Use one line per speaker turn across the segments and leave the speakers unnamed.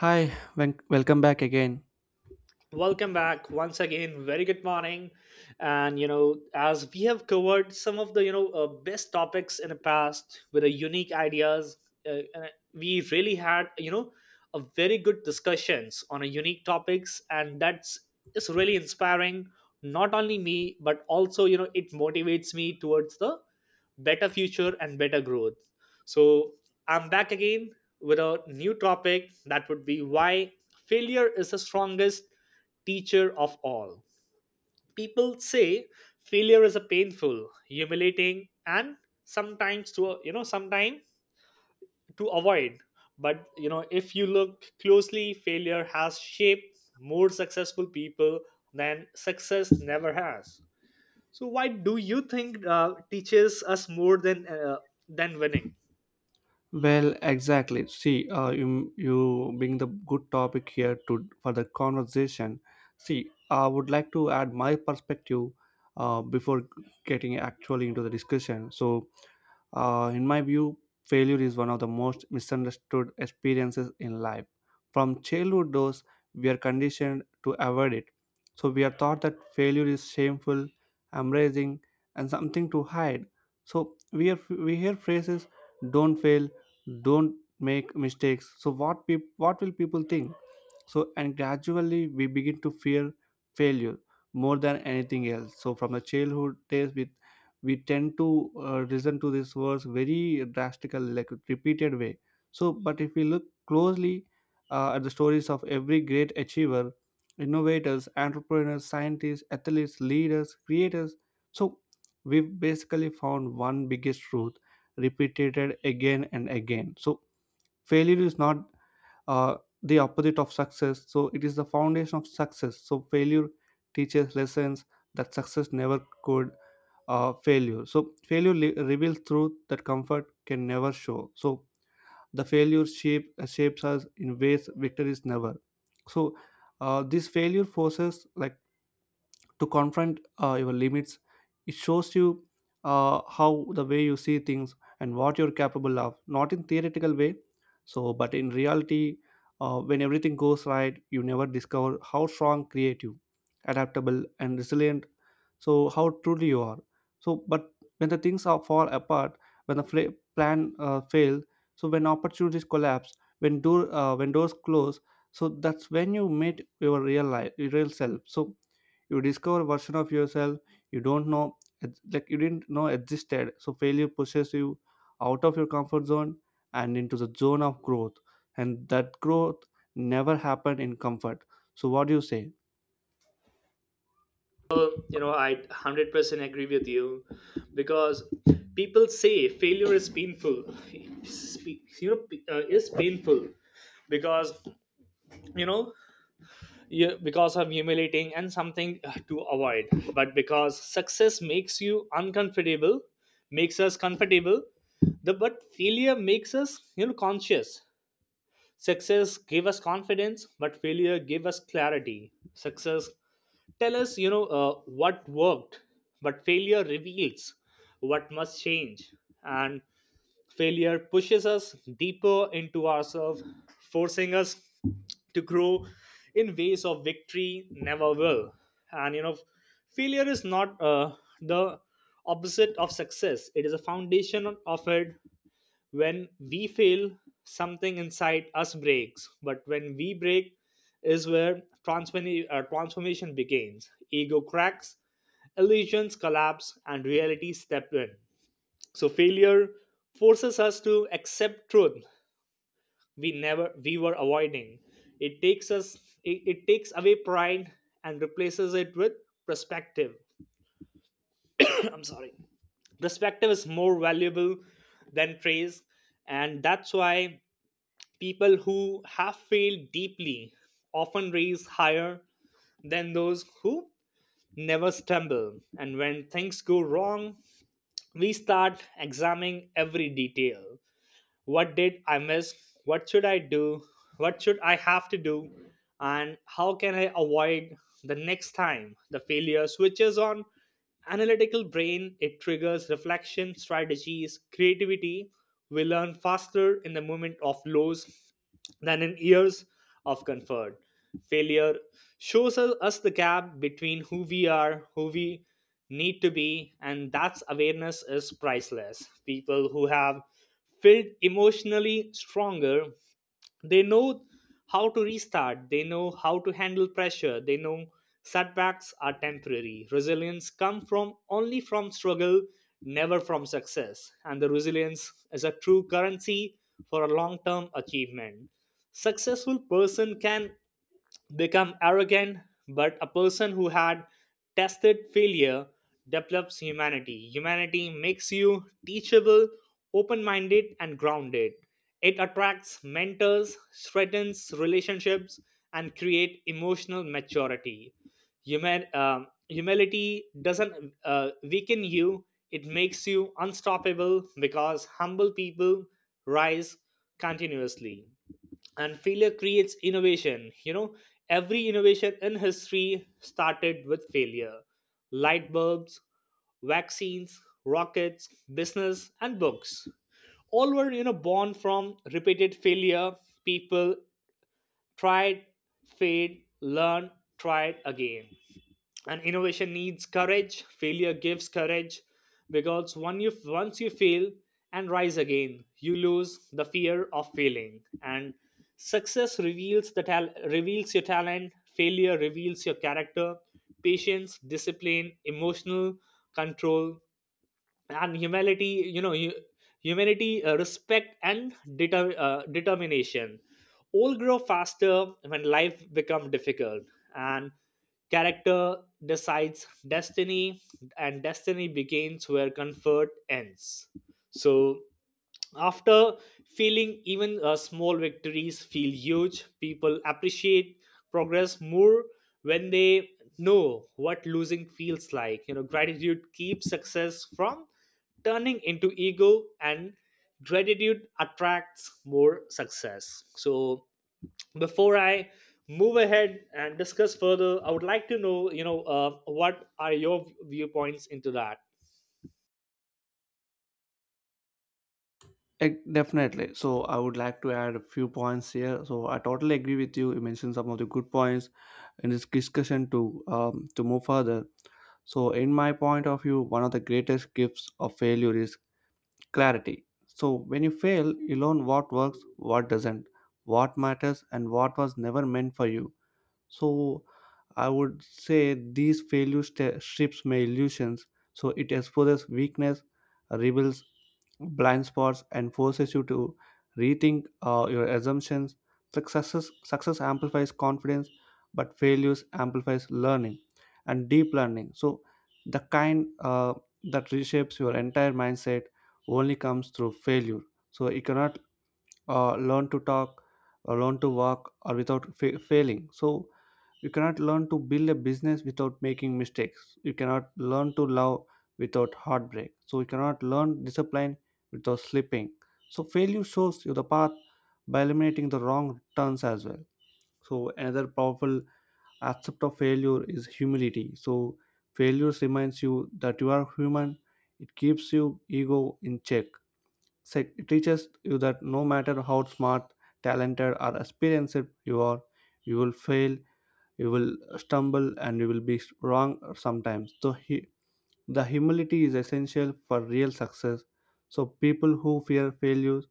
Hi, welcome back again.
Welcome back once again. Very good morning. And, you know, as we have covered some of the best topics in the past with a unique ideas, and we really had, you know, a very good discussions on a unique topics. And that's is really inspiring, not only me, but also, you know, it motivates me towards the better future and better growth. So I'm back again with a new topic that would be why failure is the strongest teacher of all. People say failure is a painful, humiliating, and sometimes to avoid. But you know, if you look closely, failure has shaped more successful people than success never has. So why do you think teaches us more than winning?
Well, exactly. See, you bring the good topic here to for the conversation. See, I would like to add my perspective before getting actually into the discussion. So, in my view, failure is one of the most misunderstood experiences in life. From childhood, those we are conditioned to avoid it. So we are taught that failure is shameful, embarrassing, and something to hide. So we hear phrases, "Don't fail, don't make mistakes, so what what will people think?" So, and gradually we begin to fear failure more than anything else. So from the childhood days we tend to listen to these words very drastical, like repeated way. So but if we look closely at the stories of every great achiever, innovators, entrepreneurs, scientists, athletes, leaders, creators, so we've basically found one biggest truth repeated again and again. So failure is not uh, the opposite of success, so it is the foundation of success. So failure teaches lessons that success never could. Uh, failure so failure reveals truth that comfort can never show. So the failure shapes us in ways victories never. So this failure forces, like, to confront your limits. It shows you how the way you see things and what you're capable of, not in theoretical way, so but in reality. When everything goes right, you never discover how strong, creative, adaptable and resilient, so how truly you are. So but when the things are fall apart, when the plan fails, so when opportunities collapse, when door when doors close, so that's when you meet your real life, your real self. So you discover version of yourself you don't know, like you didn't know existed. So failure pushes you out of your comfort zone and into the zone of growth, and that growth never happened in comfort. So what do you say?
You know, I 100% agree with you because people say failure is painful you know is painful because you know because of humiliating and something to avoid, but because success makes you uncomfortable, makes us comfortable, the but failure makes us, you know, conscious. Success gave us confidence but failure gave us clarity. Success tell us, you know, what worked, but failure reveals what must change. And failure pushes us deeper into ourselves, forcing us to grow in ways of victory never will. And you know, failure is not the opposite of success, it is a foundation of it. When we fail, something inside us breaks, but when we break is where transformation begins. Ego cracks, illusions collapse, and reality step in. So failure forces us to accept truth we never we were avoiding. It takes us, it takes away pride and replaces it with perspective. I'm sorry. Perspective is more valuable than praise, and that's why people who have failed deeply often raise higher than those who never stumble. And when things go wrong, we start examining every detail. What did I miss? What should I do? What should I have to do? And how can I avoid the next time? The failure switches on analytical brain, it triggers reflection, strategies, creativity. We learn faster in the moment of lows than in years of comfort. Failure shows us the gap between who we are, who we need to be, and that's awareness is priceless. People who have felt emotionally stronger, they know how to restart, they know how to handle pressure, they know setbacks are temporary. Resilience comes from only from struggle, never from success, and the resilience is a true currency for a long term achievement. Successful person can become arrogant, but a person who had tested failure develops humanity. Humanity makes you teachable, open minded, and grounded. It attracts mentors, strengthens relationships, and create emotional maturity. Humility doesn't weaken you, it makes you unstoppable, because humble people rise continuously. And failure creates innovation, you know. Every innovation in history started with failure. Light bulbs, vaccines, rockets, business and books, all were, you know, born from repeated failure. People tried, failed, learned, tried again. And innovation needs courage, failure gives courage, because when you once you fail and rise again, you lose the fear of failing. And success reveals the reveals your talent, failure reveals your character, patience, discipline, emotional control, and humanity. You know, humanity, respect, and determination all grow faster when life become difficult. And character decides destiny, and destiny begins where comfort ends. So after feeling even small victories feel huge, people appreciate progress more when they know what losing feels like. You know, gratitude keeps success from turning into ego, and gratitude attracts more success. So before I move ahead and discuss further, I would like to know, you know, what are your viewpoints into that.
Definitely. So I would like to add a few points here, so I totally agree with you. You mentioned some of the good points in this discussion to move further. So in my point of view, one of the greatest gifts of failure is clarity. So when you fail, you learn what works, what doesn't, what matters, and what was never meant for you. So I would say these failure strips my illusions. So it exposes weakness, reveals blind spots and forces you to rethink your assumptions. Success amplifies confidence, but failures amplifies learning and deep learning. So the kind that reshapes your entire mindset only comes through failure. So you cannot learn to talk or learn to walk, or without failing. So you cannot learn to build a business without making mistakes. You cannot learn to love without heartbreak. So you cannot learn discipline without slipping. So failure shows you the path by eliminating the wrong turns as well. So another powerful aspect of failure is humility. So failure reminds you that you are human. It keeps your ego in check. It teaches you that no matter how smart, talented, or experienced you are, you will fail, you will stumble, and you will be wrong sometimes. So, the humility is essential for real success. So, people who fear failures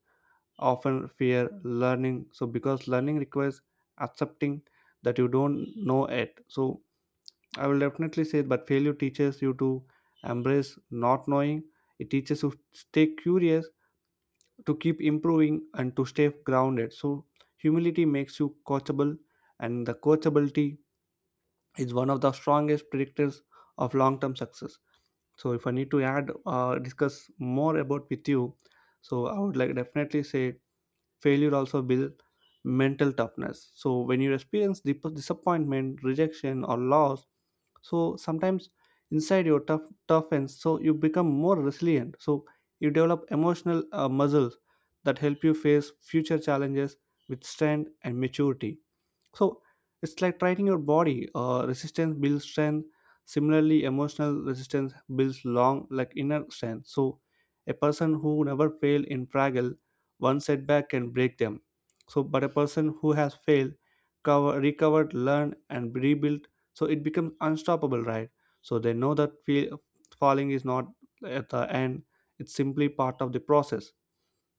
often fear learning. So, because learning requires accepting that you don't know it. So, I will definitely say, but failure teaches you to embrace not knowing. It teaches you to stay curious, to keep improving and to stay grounded. So humility makes you coachable, and the coachability is one of the strongest predictors of long-term success. So if I need to add, discuss more about with you, so I would like definitely say failure also builds mental toughness. So when you experience disappointment, rejection, or loss, so sometimes inside your tough toughens, so you become more resilient. So you develop emotional muscles that help you face future challenges with strength and maturity. So it's like training your body. Resistance builds strength. Similarly, emotional resistance builds long, like inner strength. So a person who never failed in Fraggle, one setback can break them. So, but a person who has failed, recovered, learned, and rebuilt, so it becomes unstoppable, right? So they know that feel, falling is not at the end; it's simply part of the process.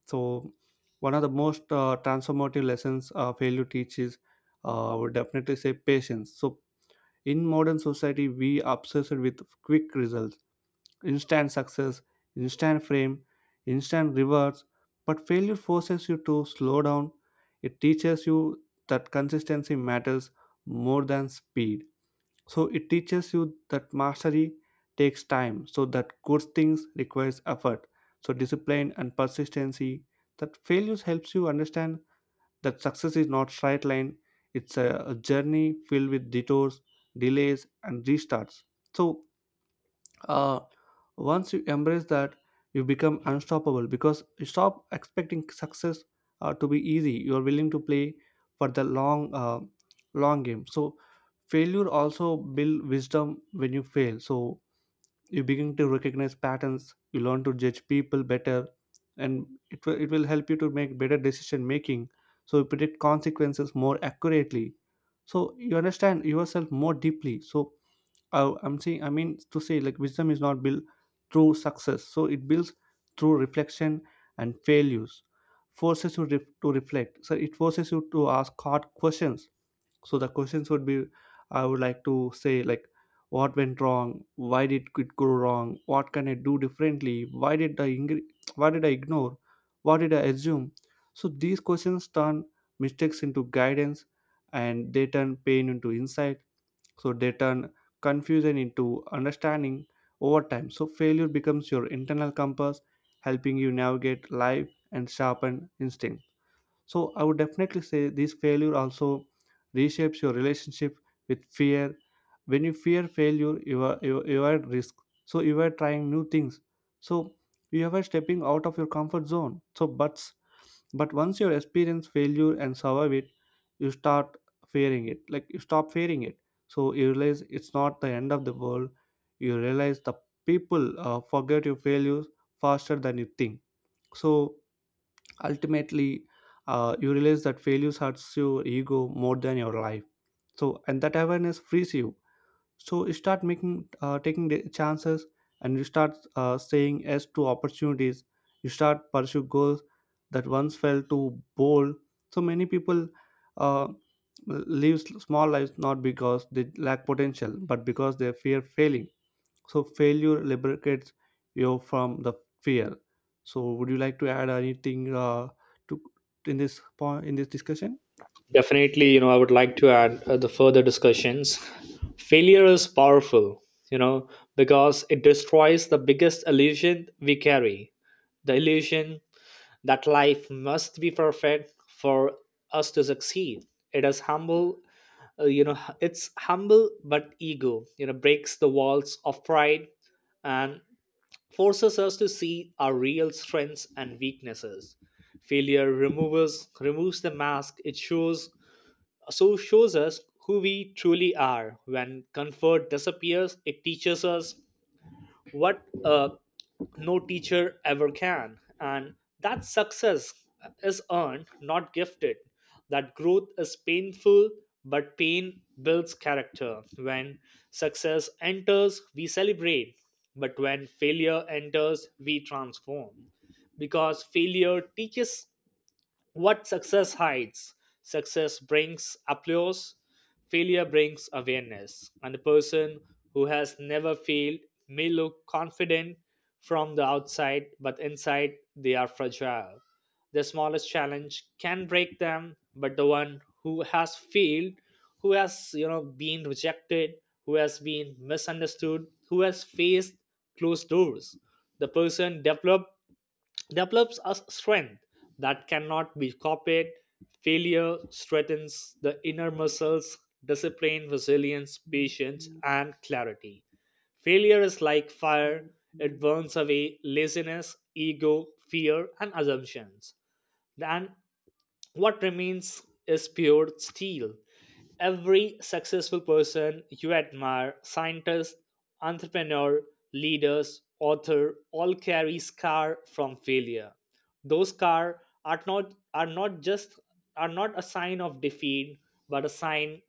So, one of the most transformative lessons failure teaches, I would definitely say patience. So, in modern society, we obsessed with quick results, instant success, instant fame, instant rewards. But failure forces you to slow down. It teaches you that consistency matters more than speed. So it teaches you that mastery takes time, so that good things requires effort, so discipline and persistency. That failures helps you understand that success is not straight line. It's a journey filled with detours, delays, and restarts. So uh, once you embrace that, you become unstoppable because you stop expecting success to be easy. You are willing to play for the long game. So failure also build wisdom. When you fail, so you begin to recognize patterns, you learn to judge people better, and it will help you to make better decision making. So you predict consequences more accurately, so you understand yourself more deeply. So I mean to say, like, wisdom is not built through success, so it builds through reflection, and failures forces you to reflect. So it forces you to ask hard questions. So the questions would be, I would like to say, like, what went wrong, why did it go wrong, what can I do differently, why did I why did I ignore, what did I assume? So these questions turn mistakes into guidance, and they turn pain into insight. So they turn confusion into understanding over time. So failure becomes your internal compass, helping you navigate life and sharpen instincts. So I would definitely say this failure also reshapes your relationship with fear. When you fear failure, you are at risk. So you are trying new things. So you are stepping out of your comfort zone. So but once you experience failure and survive it, you start fearing it. Like, you stop fearing it. So you realize it's not the end of the world. You realize the people forget your failures faster than you think. So ultimately you realize that failures hurts your ego more than your life. So and that awareness frees you. So you start making taking the chances, and you start saying yes to opportunities. You start pursue goals that once felt too bold. So many people uh, live small lives, not because they lack potential, but because they fear failing. So failure liberates you from the fear. So would you like to add anything to in this point in this discussion?
Definitely, you know, I would like to add the further discussions. Failure is powerful, you know, because it destroys the biggest illusion we carry, the illusion that life must be perfect for us to succeed. It is humble, you know, it's humble, but ego, you know, breaks the walls of pride and forces us to see our real strengths and weaknesses. Failure removes the mask, it shows us who we truly are. When comfort disappears, it teaches us what no teacher ever can, and that success is earned, not gifted. That growth is painful, but pain builds character. When success enters, we celebrate, but when failure enters, we transform. Because failure teaches what success hides. Success brings applause, failure brings awareness, and the person who has never failed may look confident from the outside, but inside they are fragile. The smallest challenge can break them, but the one who has failed, who has, you know, been rejected, who has been misunderstood, who has faced closed doors, the person developed develops a strength that cannot be copied. Failure strengthens the inner muscles, discipline, resilience, patience, and clarity. Failure is like fire, it burns away laziness, ego, fear, and assumptions. What remains is pure steel. Every successful person you admire, scientist, entrepreneur, leaders, author, all carry scar from failure. Those scar are not a sign of defeat, but a sign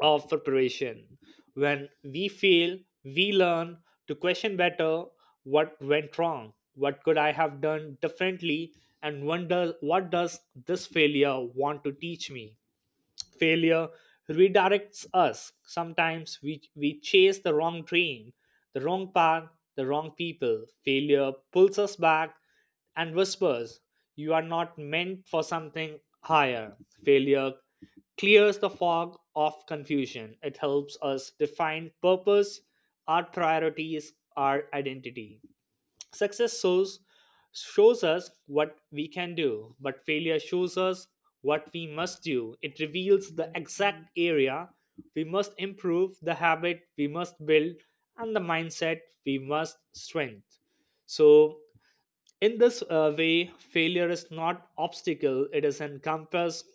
of preparation. When we fail, we learn to question better. What went wrong, what could I have done differently, and wonder what does this failure want to teach me. Failure redirects us. Sometimes we chase the wrong dream, the wrong path, the wrong people. Failure pulls us back and whispers, you are not meant for something higher. Failure clears the fog of confusion, it helps us define purpose, our priorities, our identity. Success shows, Shows us what we can do, but failure shows us what we must do. It reveals the exact area we must improve, the habit we must build, and the mindset we must strengthen. So, in this way, failure is not obstacle, it is an compass.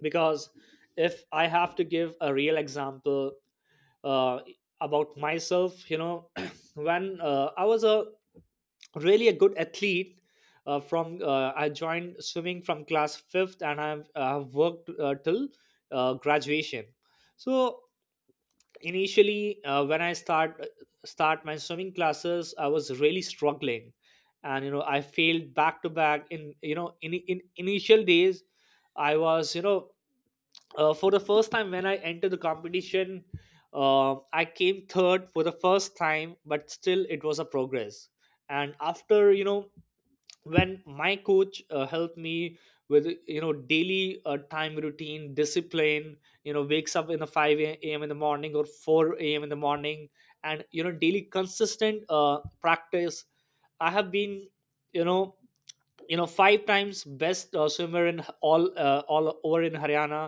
Because if I have to give a real example uh, about myself, you know, when I was a really a good athlete, from I joined swimming from class 5th and I've worked till graduation. So initially, when I start my swimming classes, I was really struggling, and you know, I failed back to back in, you know, in initial days. I was, you know, for the first time when I entered the competition, I came third for the first time, but still it was a progress. And after, you know, when my coach helped me with, you know, daily time routine discipline, you know, wakes up in the 5 a.m. in the morning or 4 a.m. in the morning, and you know, daily consistent practice, I have been, you know, you know, 5 times best swimmer in all over in haryana,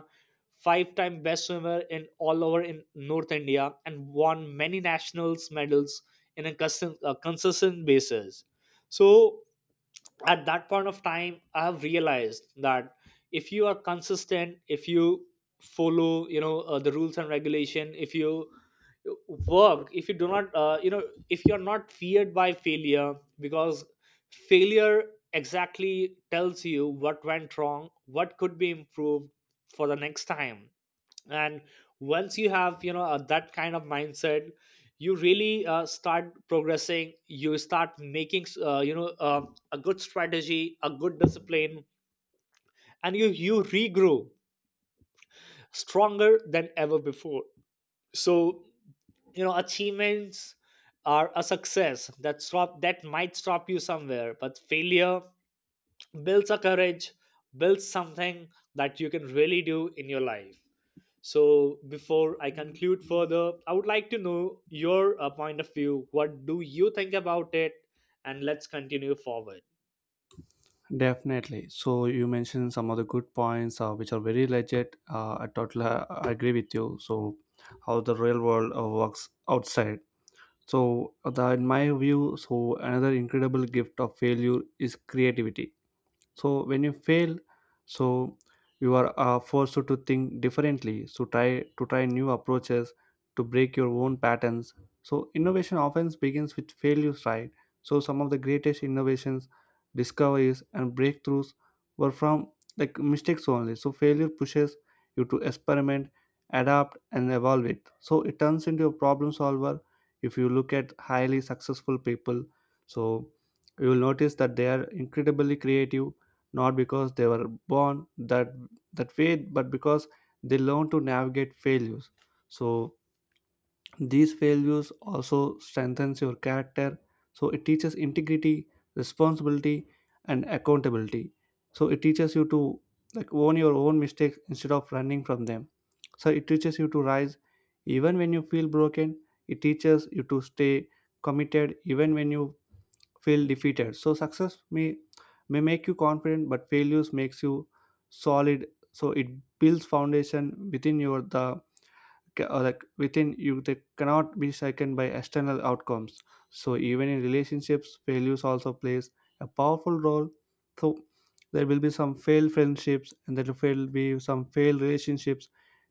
5 time best swimmer in all over in north india, and won many nationals medals in a consistent, consistent basis. So at that point of time I have realized that if you are consistent, if you follow, you know, the rules and regulation, if you work, if you do not, you know, if you're not feared by failure, because failure exactly tells you what went wrong, what could be improved for the next time. And once you have, you know, that kind of mindset, you really start progressing, you start making, you know, a good strategy, a good discipline, and you regrow stronger than ever before. So you know, achievements are a success that might stop you somewhere, but failure builds a courage, builds something that you can really do in your life. So, before I conclude further, I would like to know your point of view. What do you think about it? And let's continue forward.
Definitely. So you mentioned some of the good points which are very legit. I totally I agree with you. So how the real world works outside. So in my view, so another incredible gift of failure is creativity. So when you fail, so you are forced to think differently. So try to try new approaches to break your own patterns. So innovation often begins with failures, right? So some of the greatest innovations, discoveries and breakthroughs were from, like, mistakes only. So failure pushes you to experiment, adapt and evolve it. So it turns into a problem solver. If you look at highly successful people, so you will notice that they are incredibly creative, not because they were born that way, but because they learn to navigate failures. So these failures also strengthens your character. So it teaches integrity, responsibility and accountability. So it teaches you to, like, own your own mistakes instead of running from them. So it teaches you to rise even when you feel broken. It teaches you to stay committed even when you feel defeated. So success may make you confident, but failures makes you solid. So it builds foundation within your the ca- like within you, they cannot be shaken by external outcomes. So even in relationships, failures also plays a powerful role. So there will be some failed friendships and there will be some failed relationships,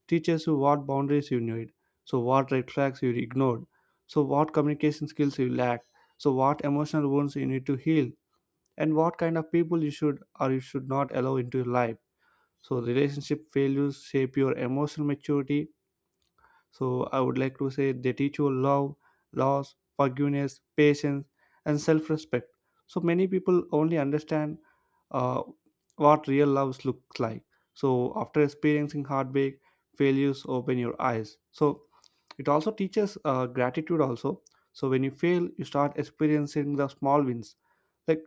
teaches you what boundaries you need, so what red flags you ignored, so what communication skills you lack, so what emotional wounds you need to heal, and what kind of people you should or you should not allow into your life. So relationship failures shape your emotional maturity. So I would like to say they teach you love, loss, forgiveness, patience, and self-respect. So many people only understand uh, what real love looks like. So after experiencing heartbreak, failures open your eyes. So it also teaches gratitude also. So when you fail, you start experiencing the small wins. Like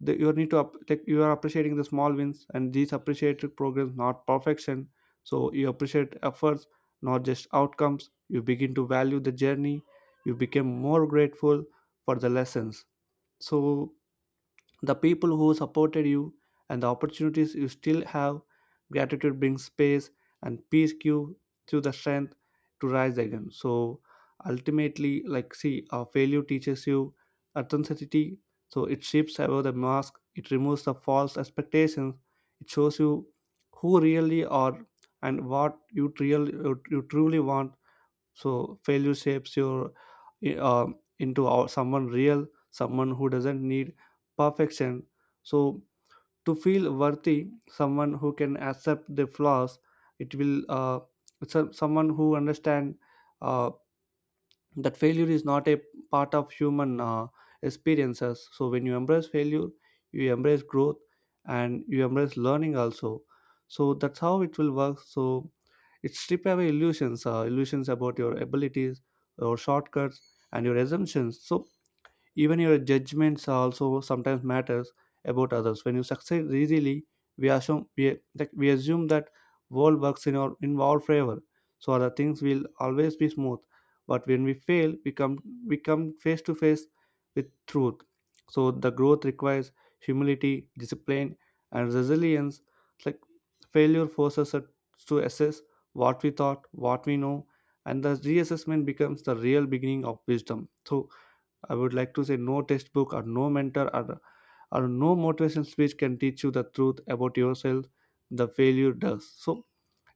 the, you need to up, like you are appreciating the small wins and these appreciated progress not perfection, so you appreciate efforts, not just outcomes. You begin to value the journey, you become more grateful for the lessons, so the people who supported you and the opportunities you still have. Gratitude brings space and peace, give you the strength to rise again. So ultimately, like, see, failure teaches you authenticity. So it shifts above the mask, it removes the false expectations, it shows you who really are and what you truly want. So failure shapes your uh, someone real, someone who doesn't need perfection, so to feel worthy, someone who can accept the flaws. it will uh, Someone who understand, uh, that failure is not a part of human, experiences. So when you embrace failure, you embrace growth, and you embrace learning also. So that's how it will work. So it strip away illusions, illusions about your abilities, your shortcuts, and your assumptions. So even your judgments also sometimes matters about others. When you succeed easily, we assume that world works in our favor. So the things will always be smooth. But when we fail, we come face to face with truth. So the growth requires humility, discipline, and resilience. It's like failure forces us to assess what we thought, what we know, and the reassessment becomes the real beginning of wisdom. So I would like to say no textbook or no mentor, or no motivational speech can teach you the truth about yourself. The failure does. So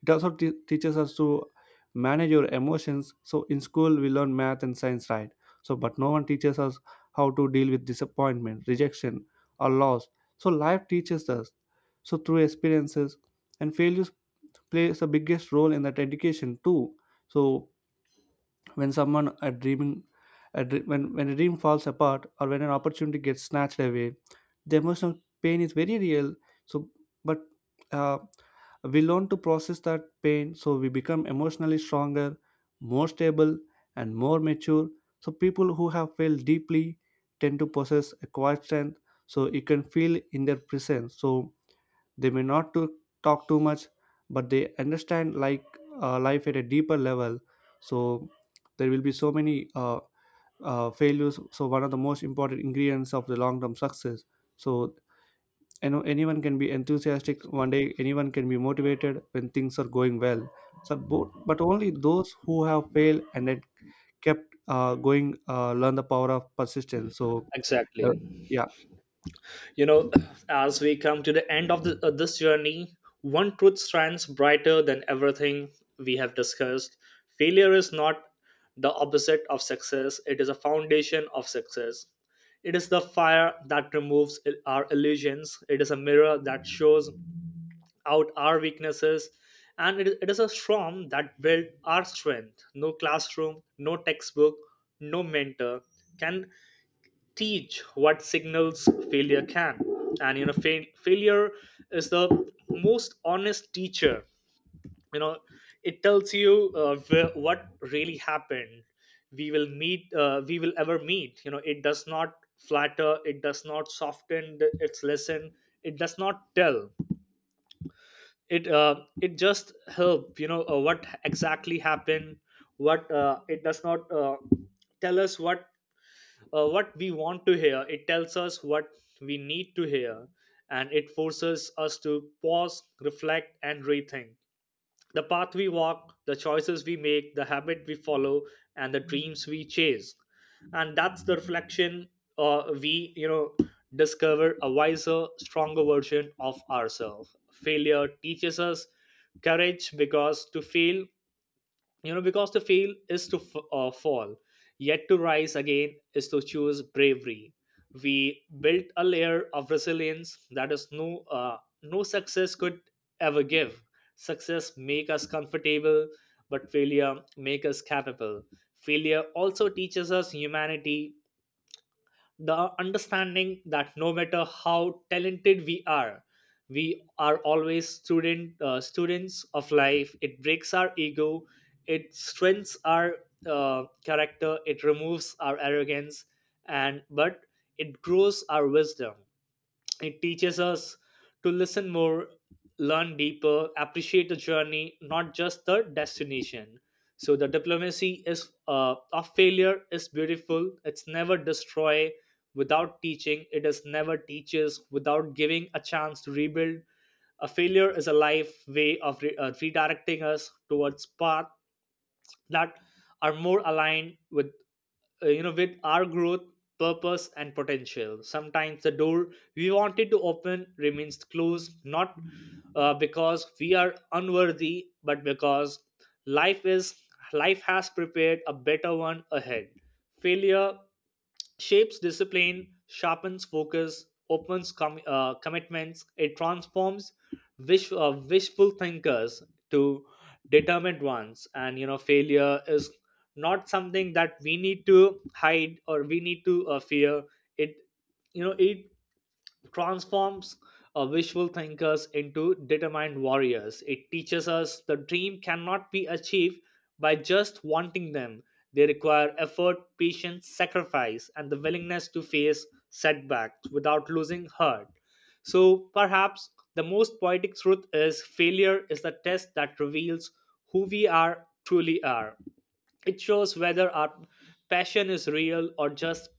it also teaches us to manage your emotions. So in school we learn math and science, right? So but no one teaches us how to deal with disappointment, rejection, or loss. So life teaches us. So through experiences and failures plays the biggest role in that education too. So when someone a dreaming when a dream falls apart or when an opportunity gets snatched away, the emotional pain is very real. So but, uh, we learn to process that pain, so we become emotionally stronger, more stable, and more mature. So people who have felt deeply tend to possess a quiet strength, so you can feel in their presence. So they may not to talk too much, but they understand, like, life at a deeper level. So there will be so many failures. So one of the most important ingredients of the long-term success. So you know, anyone can be enthusiastic one day. Anyone can be motivated when things are going well. So but only those who have failed and then kept going learn the power of persistence. So uh,
Exactly.
yeah.
You know, as we come to the end of the, this journey, one truth shines brighter than everything we have discussed. Failure is not the opposite of success, it is a foundation of success. It is the fire that removes our illusions, it is a mirror that shows out our weaknesses, and it is a storm that built our strength. No classroom, no textbook, no mentor can teach what signals failure can. And you know, failure is the most honest teacher. You know, it tells you what really happened. We will meet we will ever meet You know, it does not flatter, it does not soften its lesson. It does not tell, it just help, you know, what exactly happened. What uh, it does not tell us what we want to hear, it tells us what we need to hear. And it forces us to pause, reflect, and rethink the path we walk, the choices we make, the habit we follow, and the dreams we chase. And that's the reflection we, you know, discover a wiser, stronger version of ourselves. Failure teaches us courage, because to fail, you know, because to fail is to fall, yet to rise again is to choose bravery. We built a layer of resilience that is uh, no success could ever give. Success make us comfortable, but failure make us capable. Failure also teaches us humanity, the understanding that no matter how talented we are, we are always students of life. It breaks our ego, it strengthens our character, it removes our arrogance, and but it grows our wisdom. It teaches us to listen more, learn deeper, appreciate the journey, not just the destination. So the diplomacy is of failure is beautiful. It's never destroy without teaching. It is never teaches without giving a chance to rebuild. A failure is a life way of redirecting us towards path that are more aligned with, you know, with our growth, purpose, and potential. Sometimes the door we wanted to open remains closed, not because we are unworthy, but because life is life has prepared a better one ahead. Failure shapes discipline, sharpens focus, opens commitments. It transforms wishful thinkers to determined ones. And you know, failure is not something that we need to hide or we need to fear. It, you know, it transforms visual thinkers into determined warriors. It teaches us the dream cannot be achieved by just wanting them. They require effort, patience, sacrifice, and the willingness to face setbacks without losing heart. So, perhaps the most poetic truth is failure is the test that reveals who we are truly are. It shows whether our passion is real or just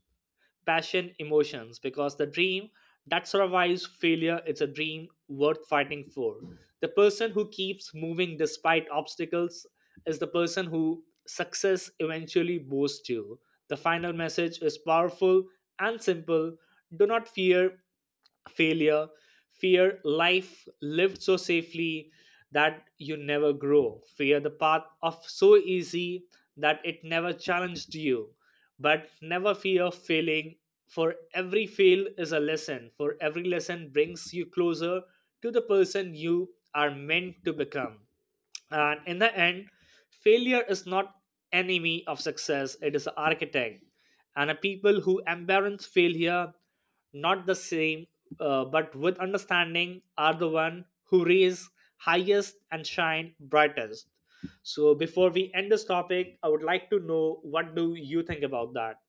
passion emotions, because the dream that survives failure is a dream worth fighting for. The person who keeps moving despite obstacles is the person who success eventually boasts to. The final message is powerful and simple. Do not fear failure, fear life lived so safely that you never grow, fear the path of so easy that it never challenged you. But never fear failing, for every fail is a lesson, for every lesson brings you closer to the person you are meant to become. And in the end, failure is not enemy of success, it is an architect, and a people who embrace failure, not the same, but with understanding, are the one who raise highest and shine brightest. So before we end this topic, I would like to know, what do you think about that?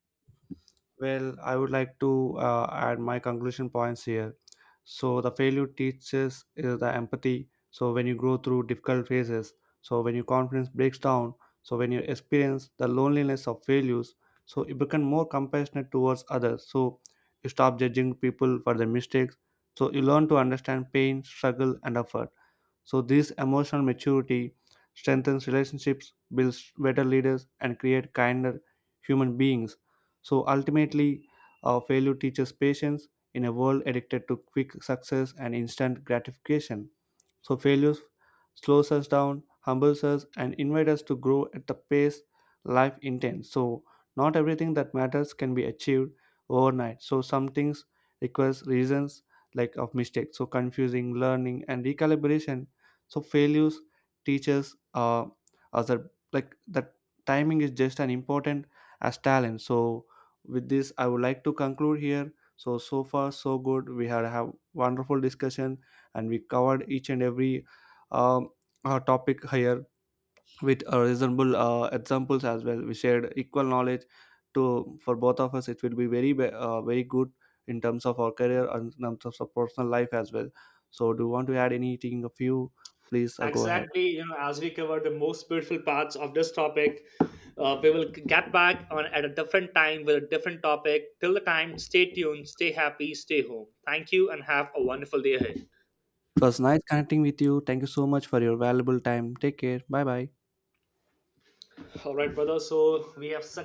Well, I would like to add my conclusion points here. So, the failure teaches is the empathy. So, when you grow through difficult phases, so when your confidence breaks down, so when you experience the loneliness of failures, so you become more compassionate towards others. So, you stop judging people for their mistakes. So, you learn to understand pain, struggle, and effort. So, this emotional maturity strengthens relationships, builds better leaders, and create kinder human beings. So ultimately, failure teaches patience in a world addicted to quick success and instant gratification. So failures slows us down, humbles us, and invite us to grow at the pace life intends. So not everything that matters can be achieved overnight. So some things requires reasons like of mistakes. So confusing, learning, and recalibration. So failures teaches us that, like that timing is just as important as talent. So with this, I would like to conclude here. So so far so good. We had have wonderful discussion and we covered each and every um, topic here with reasonable examples as well. We shared equal knowledge to for both of us. It will be very very good in terms of our career and in terms of our personal life as well. So, do you want to add anything? A few, please go ahead.
Exactly, you know, as we cover the most beautiful parts of this topic, we will get back on at a different time with a different topic. Till the time, stay tuned, stay happy, stay home. Thank you, and have a wonderful day ahead.
It was nice connecting with you. Thank you so much for your valuable time. Take care. Bye bye.
All right, brother. So we have success.